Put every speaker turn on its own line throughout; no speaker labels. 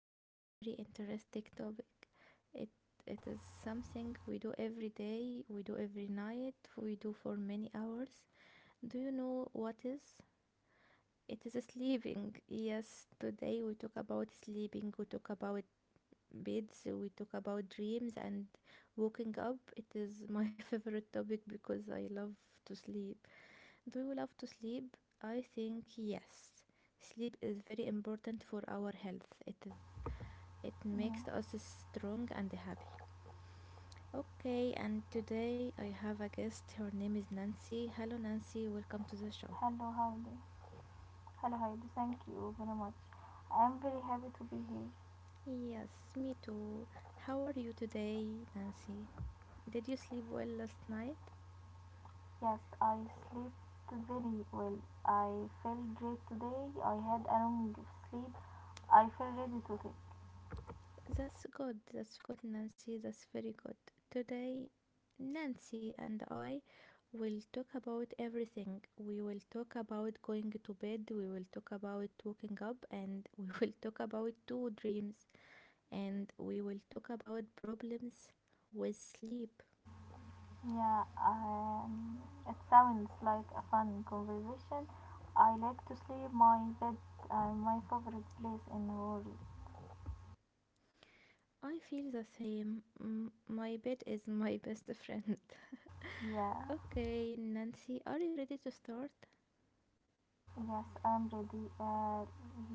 We have a very interesting topic. It it is something we do every day, we do every night, we do for many hours. Do you know what is? It is sleeping. Yes, today we talk about sleeping. We talk about beds, we talk about dreams and waking up. It is my favorite topic because I love to sleep. Do you love to sleep? I think yes. Sleep is very important for our health. It makes
Mm,
us strong and happy. Okay, and today I have a guest. Her name is Nancy. Hello, Nancy, welcome to the show.
Hello, Heidi. Thank you very much. I am very happy to be here.
Yes, me too. How are you today, Nancy? Did you sleep well last night?
Yes, I slept very well. I felt great today. I had a long sleep. I feel ready to take.
That's good. That's good, Nancy. That's very good. Today, Nancy and I will talk about everything. We will talk about going to bed, we will talk about waking up, and we will talk about two dreams, and we will talk about problems with sleep.
Yeah, um, it sounds like a fun conversation. I like to sleep. My bed, my favorite place in the world.
I feel the same. My bed is my best friend.
Yeah,
Okay, Nancy, are you ready to start?
yes, I'm ready.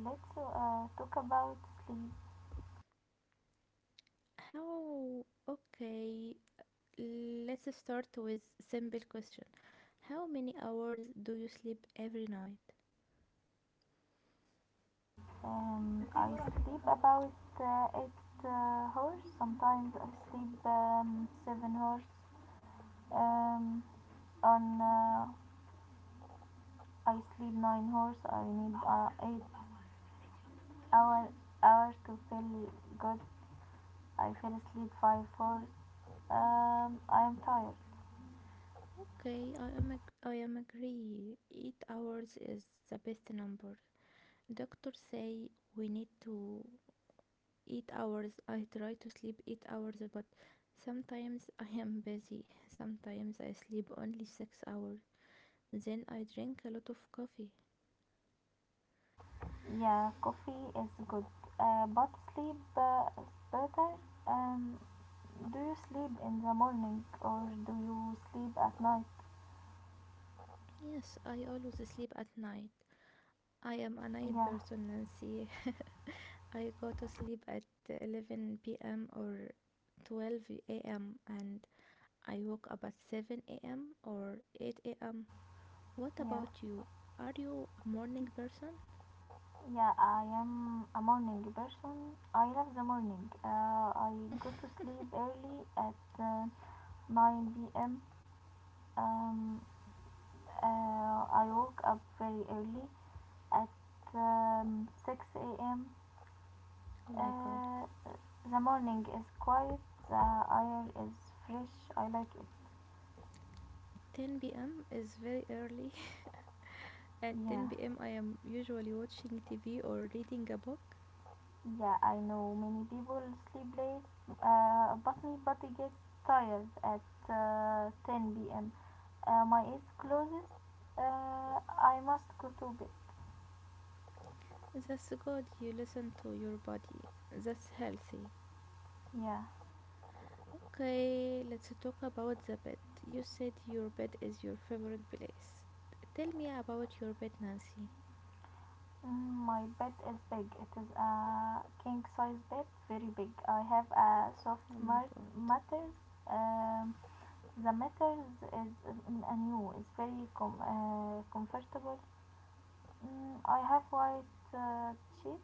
Let's talk about sleep.
How? Okay, let's start with simple question. How many hours do you sleep every night?
I sleep about eight hours. Sometimes I sleep 7 hours. Um, on I sleep 9 hours. I need eight hour hours to feel good. I fell asleep 5 hours. I am tired.
Okay, I am agree. 8 hours is the best number. Doctor say we need to 8 hours. I try to sleep 8 hours, but sometimes I am busy. Sometimes I sleep only 6 hours. Then I drink a lot of coffee.
Yeah, coffee is good, but sleep is better. Um, do you sleep in the morning or do you sleep at night?
Yes, I always sleep at night. I am a night
Yeah,
person, Nancy. I go to sleep at 11 p.m. or 12 a.m., and I wake up at 7 a.m. or 8 a.m. What
yeah.
about you? Are you a morning person?
Yeah, I am a morning person. I love the morning. I go to sleep early at 9 p.m. Um, uh, I woke up very early at 6 a.m.
Oh my god.
Uh, the morning is quiet, the air is fresh. I like it.
10 p.m. is very early. At
Yeah.
10 p.m., I am usually watching TV or reading a book.
Yeah, I know many people sleep late, but my body gets tired at 10 p.m. My eyes closes. I must go to bed.
That's good, you listen to your body. That's healthy.
Yeah.
Okay, let's talk about the bed. You said your bed is your favorite place. Tell me about your bed, Nancy.
Mm, my bed is big. It is a king size bed, very big. I have a soft
Oh my god.
matters. Um, the matters is a new. It's very comfortable. I have white sheet.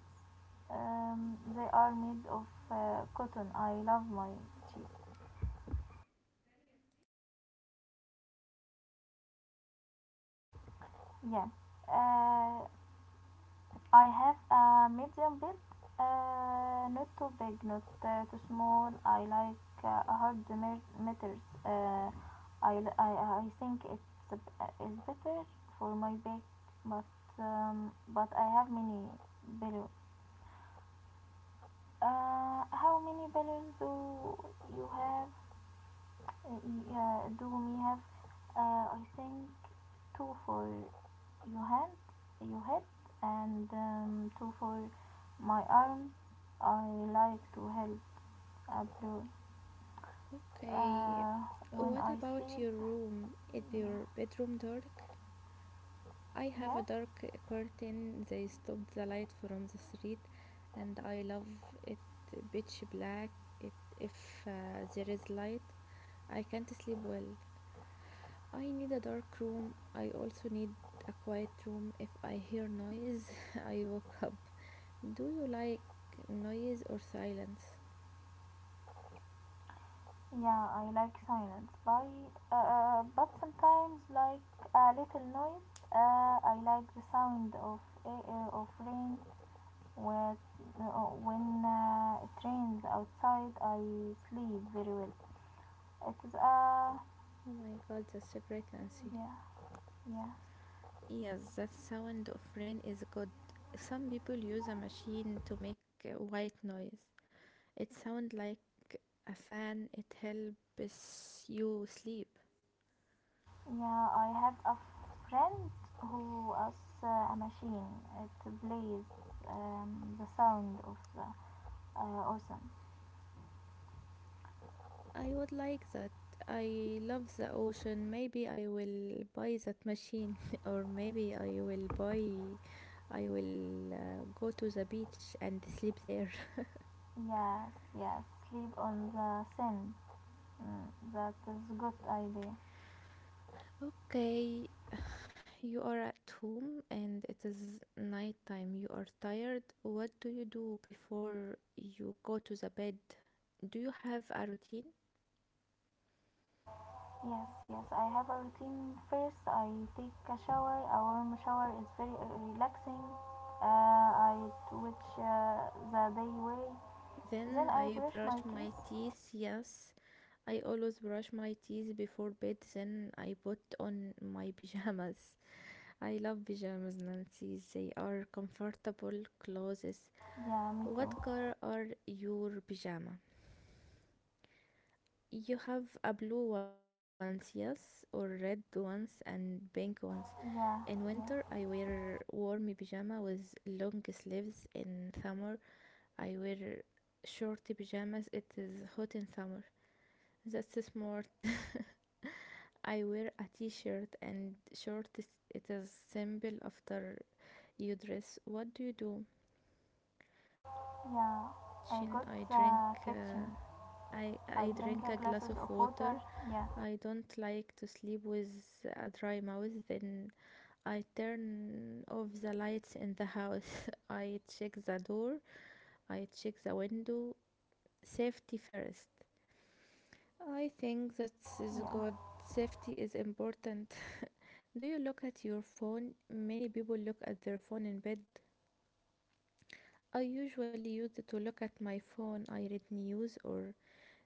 They are made of cotton. I love my sheep. Yeah. Uh, I have a medium bed, not too big, not too small. I like hard matters. I think it's b- is better for my back, but but I have many bellows. How many bellows do you have? Uh, yeah, do we have? I think two for your hand, your head, and two for my arms. I like to help Abdul
Okay.
uh, when
What
I
about
sleep.
your room? Is your
Yeah.
bedroom dark? I have
yeah,
a dark curtain. They stopped the light from the street, and I love it pitch black. It if there is light, I can't sleep well. I need a dark room. I also need a quiet room. If I hear noise, I woke up. Do you like noise or silence?
yeah. I like silence, By but sometimes like a little noise. I like the sound of of rain. When, when it rains outside, I sleep very well. It is a
Oh my god, that's a great Nancy.
yeah, yeah,
Yes, that sound of rain is good. Some people use a machine to make white noise. It sounds like a fan. It helps you sleep.
yeah. I have a friend who has a machine. It plays the sound of the ocean.
I would like that. I love the ocean. Maybe I will buy that machine, or maybe I will buy. I will go to the beach and sleep there.
Yes, yes. Sleep on the sand. Mm, that is a good idea.
Okay, you are at home and it is nighttime. You are tired. What do you do before you go to the bed? Do you have a routine?
Yes, yes, I have a routine. First, I take a shower. A warm shower is very relaxing. I twitch the day way. Then
Then
I
I
brush my
brush my
teeth.
teeth. Yes, I always brush my teeth before bed. Then I put on my pajamas. I love pajamas, Nancy. They are comfortable clothes.
Yeah, me too.
What color are your pajama? You have a blue ones, yes, or red ones and pink ones. In
Yeah,
winter, I
yeah,
wear warm pajama with long sleeves. In summer, I wear short pajamas. It is hot in summer. That's smart. I wear a t-shirt and shorts. It is simple. After you dress, what do you do? I go to
yeah.
the
I go
kitchen.
to
I
the
drink.
kitchen.
I,
I
I
drink
drink
a
a glass
glasses
of
of water.
water.
Yeah,
I don't like to sleep with a dry mouth. Then I turn off the lights in the house. I check the door. I check the window. Safety first. I think that is
yeah.
good. Safety is important. Do you look at your phone? Many people look at their phone in bed. I usually use it to look at my phone. I read news or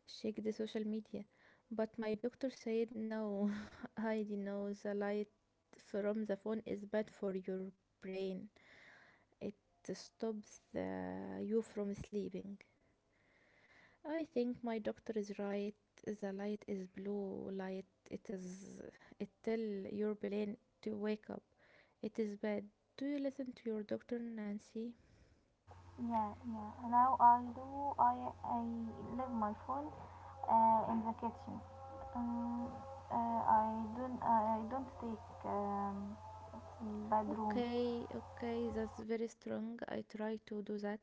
check the social media. But my doctor said no. I know the light from the phone is bad for your brain. It stops you from sleeping. I think my doctor is right. The light is blue light. It is it tell your brain to wake up. It is bad. Do you listen to your doctor, Nancy?
Yeah. Now I do. I leave my phone in the kitchen. Um, I don't. I don't take bedroom.
Okay, okay, that's very strong. I try to do that,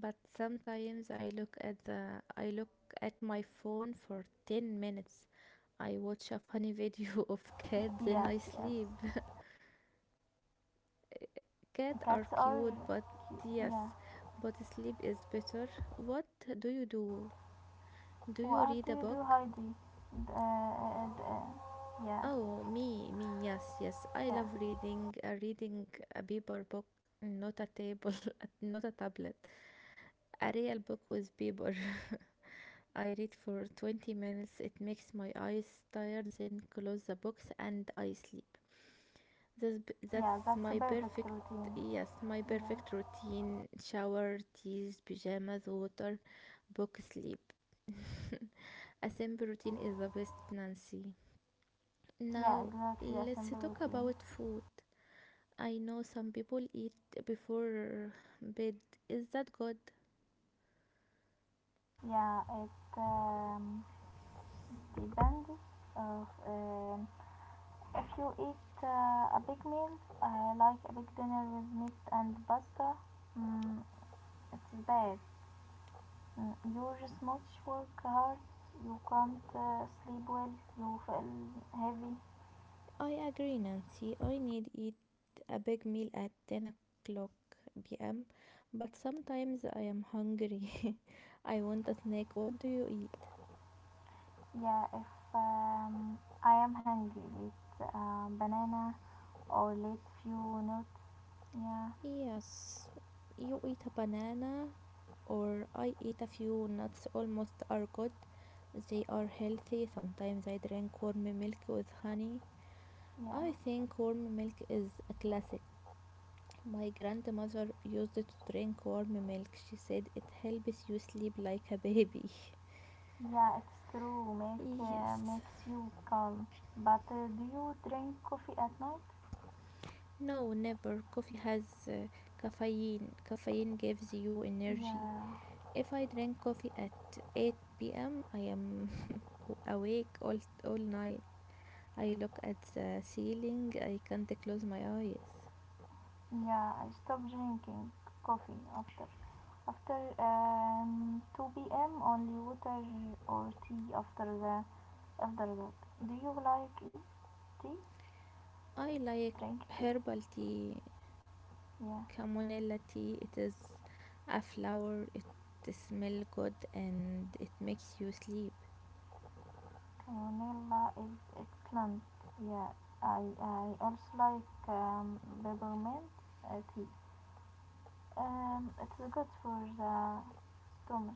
but sometimes I look at my phone for 10 minutes. I watch a funny video of cat, then
Yes,
I
yes.
sleep. Cats are
Cats are
cute, but
cute. Yeah.
yes, but sleep is better. What do you do? Do you
What
read
do
a
you do,
book?
Heidi? D- Uh, uh, d- uh, yeah,
Oh, me, me, yes, yes. I
yeah,
love reading, reading a paper book, not a table, not a tablet. A real book with paper. I read for 20 minutes. It makes my eyes tired, then close the books and I sleep.
yeah.
That's
That's a
my
perfect
perfect.
routine.
Yes, my
Yeah,
perfect routine. Shower, teas, pajamas, water, book, sleep. A simple routine is the best, Nancy.
yeah.
Now
Exactly a
let's
simple
talk
routine.
about food. I know some people eat before bed. Is that good?
Yeah, it depends of. If you eat a big meal, like a big dinner with meat and pasta, mm, it's bad. You just much work hard, you can't sleep well, you feel heavy.
I agree, Nancy. I need eat a big meal at 10 o'clock p.m. But sometimes I am hungry. I want a snack. What do you eat?
Yeah, if I am hungry, eat banana or let few nuts. Yeah,
Yes, you eat a banana or I eat a few nuts almost are good. They are healthy. Sometimes I drink warm milk with honey.
yeah,
I think warm milk is a classic. My grandmother used to drink warm milk. She said it helps you sleep like a baby.
yeah. It's true. Milk
Yes.
makes you calm. But do you drink coffee at night?
No, never. Coffee has caffeine. Caffeine gives you energy.
Yeah.
If I drink coffee at 8 p.m., I am awake all night. I look at the ceiling, I can't close my eyes.
Yeah, I stopped drinking coffee after 2 p.m. Only water or tea after that. Do you like it? Tea?
I like
Drink tea.
herbal tea,
Yeah,
chamomilla tea. It is a flower, it smells good and it makes you sleep.
Camonella is excellent. Yeah, I also like peppermint tea. It's good for the stomach.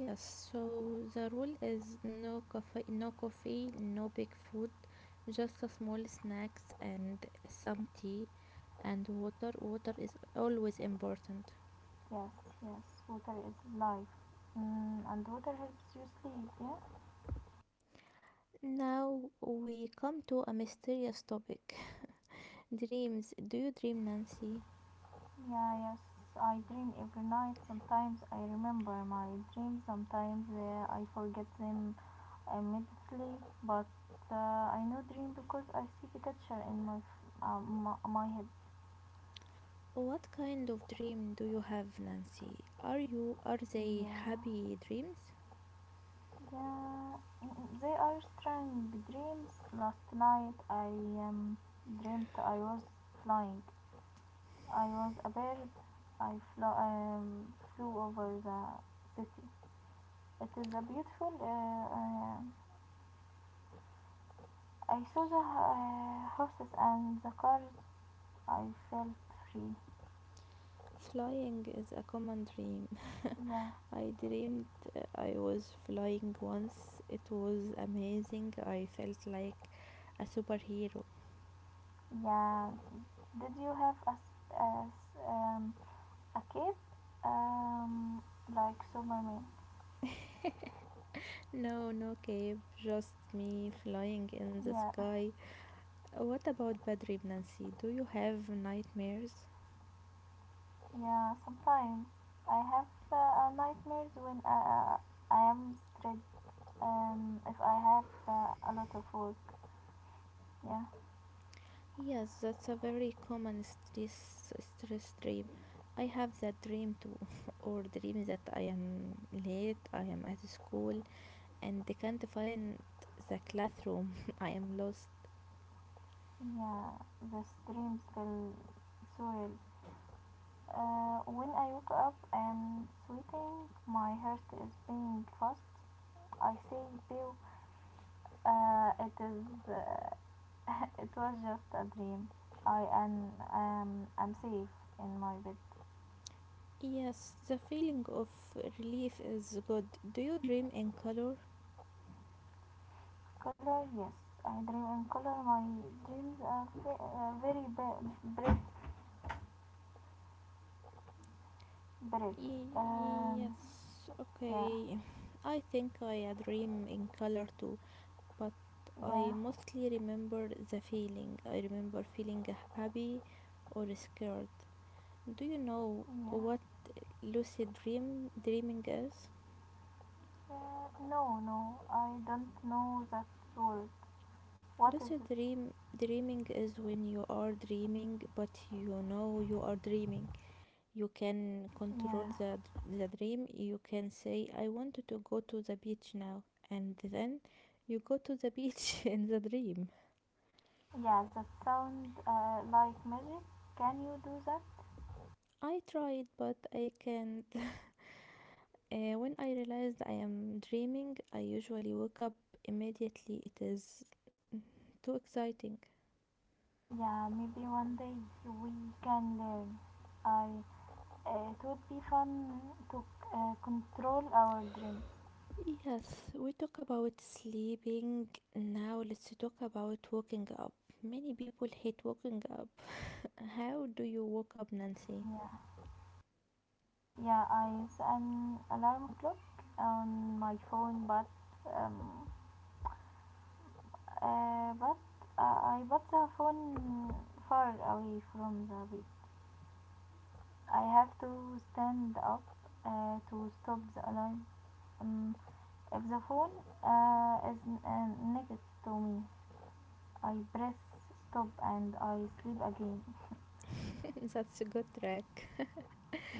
Yes, so the rule is no coffee, no big food, just a small snacks and some tea and water. Water is always important.
Yes, yes. Water is life. Mm, and water helps you sleep. Yeah.
Now we come to a mysterious topic, dreams. Do you dream, Nancy?
Yeah, yes, I dream every night. Sometimes I remember my dreams, sometimes I forget them immediately, but I know dream because I see the picture in my head.
What kind of dream do you have, Nancy? Are they
Yeah.
happy dreams?
Yeah, they are strange dreams. Last night I um, dreamt I was flying. I was a bird. I flew over the city. It is a beautiful I saw the horses and the cars. I felt free.
Flying is a common dream.
Yeah,
I dreamed I was flying once. It was amazing. I felt like a superhero.
yeah. Did you have as um, a kid, Um, like Superman?
No, no cape, just me flying in the
Yeah,
sky. What about bad dream, Nancy? Do you have nightmares?
yeah. Sometimes I have nightmares when I am stressed. If I have a lot of work. Yeah,
Yes, that's a very common stress dream. I have that dream too, or dream that I am late, I am at school, and can't find the classroom. I am lost.
yeah. These dreams feel surreal. When I woke up and sweating, my heart is beating fast. I say, Bill, it is, it was just a dream. I'm safe in my bed.
Yes, the feeling of relief is good. Do you dream in color?
Color, yes, I dream in color. My dreams are very bright, bright.
Y-
Um,
yes,
yeah,
okay. I think I dream in color too, but I
yeah,
mostly remember the feeling. I remember feeling happy or scared. Do you know what
yeah.
lucid dreaming is?
No, no, I don't know that word. What is it?
Lucid dreaming is when you are dreaming but you know you are dreaming. You can control
Yeah.
the dream. You can say I want to go to the beach now, and then you go to the beach in the dream.
Yeah, that sound like magic. Can you do that?
I tried but I can't. When I realized I am dreaming, I usually wake up immediately. It is too exciting.
Yeah, maybe one day we can learn. I It would be fun to control our dreams.
Yes, we talk about sleeping. Now let's talk about waking up. Many people hate waking up. How do you wake up, Nancy?
Yeah, yeah. I use an alarm clock on my phone, um, but I put the phone far away from the bed. I have to stand up to stop the alarm. Um, If the phone is next to me, I press stop and I sleep again.
That's a good track.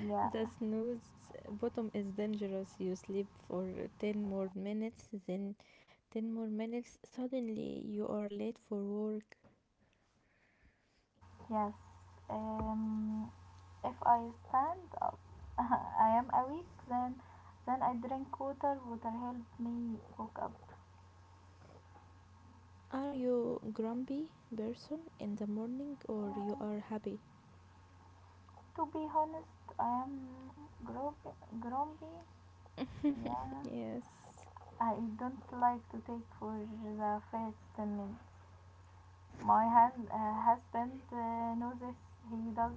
Yeah,
The snooze bottom is dangerous. You sleep for 10 more minutes, then 10 more minutes. Suddenly, you are late for work.
yes. Um, if I stand up, I am awake. Then I drink water. Water helps me wake up.
Are you grumpy person in the morning or you are
Yeah.
happy?
To be honest, I am gro- grumpy. Yeah,
Yes,
I don't like to take for the first ten minutes. My husband knows this. He does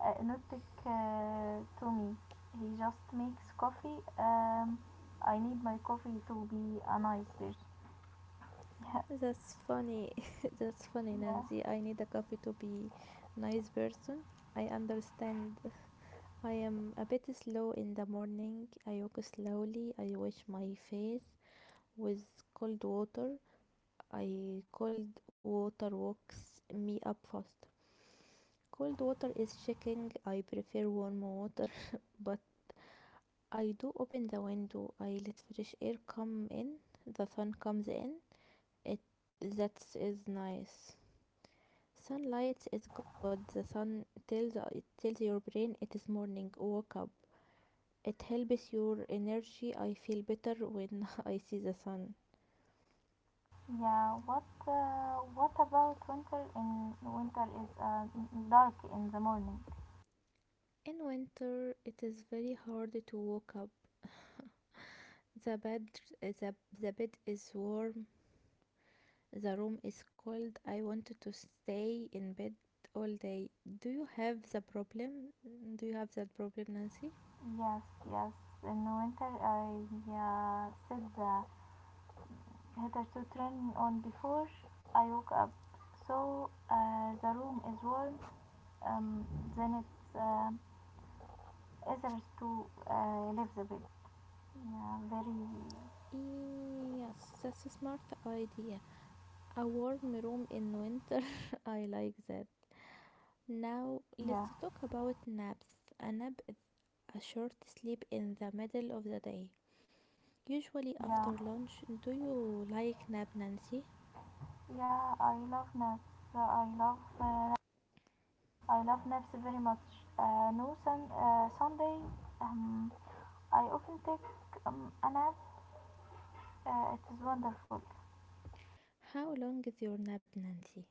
nothing to me. He just makes coffee. I need my coffee to be a nice person.
that's funny. That's funny,
Yeah,
Nancy. I need a coffee to be nice person. I understand. I am a bit slow in the morning. I walk slowly. I wash my face with cold water. I Cold water wakes me up fast. Cold water is shaking. I prefer warm water, but I do open the window. I let fresh air come in. The sun comes in. It That is nice. Sunlight is good. The sun tells your brain it is morning. Wake up. It helps your energy. I feel better when I see the sun.
yeah. What about winter? In winter is dark in the morning.
In winter, it is very hard to wake up. The bed the, the bed is warm. The room is cold. I wanted to stay in bed all day. Do you have the problem? Do you have that problem, Nancy?
Yes, yes. In winter, I set the heater to turn on before I woke up, so the room is warm, um, then it's easier to leave the bed. Yeah, very.
Yes, that's a smart idea. A warm room in winter. I like that. Now,
Yeah,
let's talk about naps. A nap is a short sleep in the middle of the day, usually
yeah,
after lunch. Do you like nap, Nancy?
yeah. I love naps. Uh, I love. Uh, I love naps very much. No sun. Sunday. Um, I often take a nap. It is wonderful.
How long is your nap, Nancy?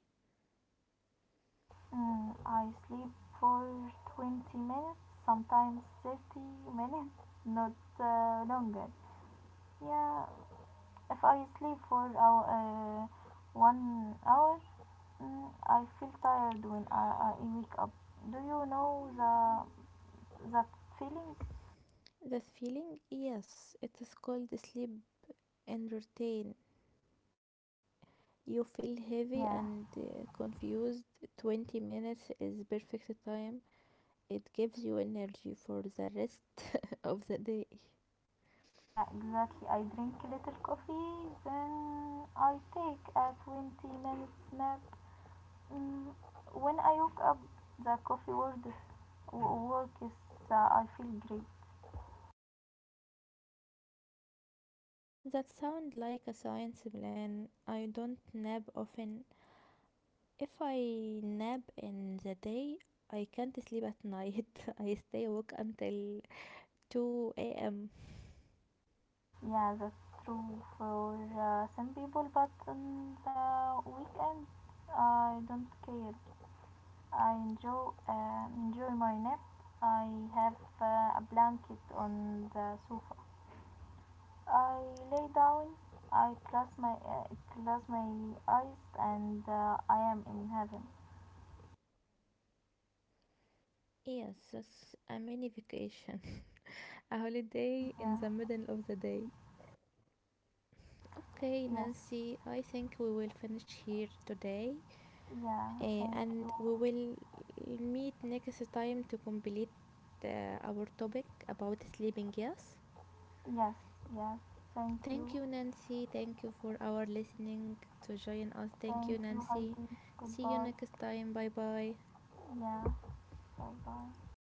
I sleep for 20 minutes, sometimes 30 minutes, not longer. Yeah, if I sleep for 1 hour, I feel tired when I wake up. Do you know the that feeling?
That feeling? Yes, it is called sleep entertain. You feel heavy
Yeah,
and confused. 20 minutes is perfect time, it gives you energy for the rest of the day.
yeah, exactly. I drink little coffee, then I take a 20 minutes nap. Mm, when I wake up, the coffee work is I feel great.
That sounds like a science plan. I don't nap often. If I nap in the day, I can't sleep at night. I stay awake until 2 a.m.
Yeah, that's true for some people, but on the weekend I don't care. I enjoy my nap. I have a blanket on the sofa. I lay down. I close my eyes, and I am in heaven.
Yes, that's a mini vacation. A holiday in
Yeah.
the middle of the day. Okay,
Yes.
Nancy, I think we will finish here today,
Yeah. Thank
and
you.
we will meet next time to complete our topic about sleeping. Yes,
Yes. Yes. Thank
thank
you.
you, Nancy. Thank you for our listening to join us. Thank
Thank
you,
you,
Nancy.
Heidi.
See you
Goodbye.
next time. Bye bye.
Yeah. Bye. Bye.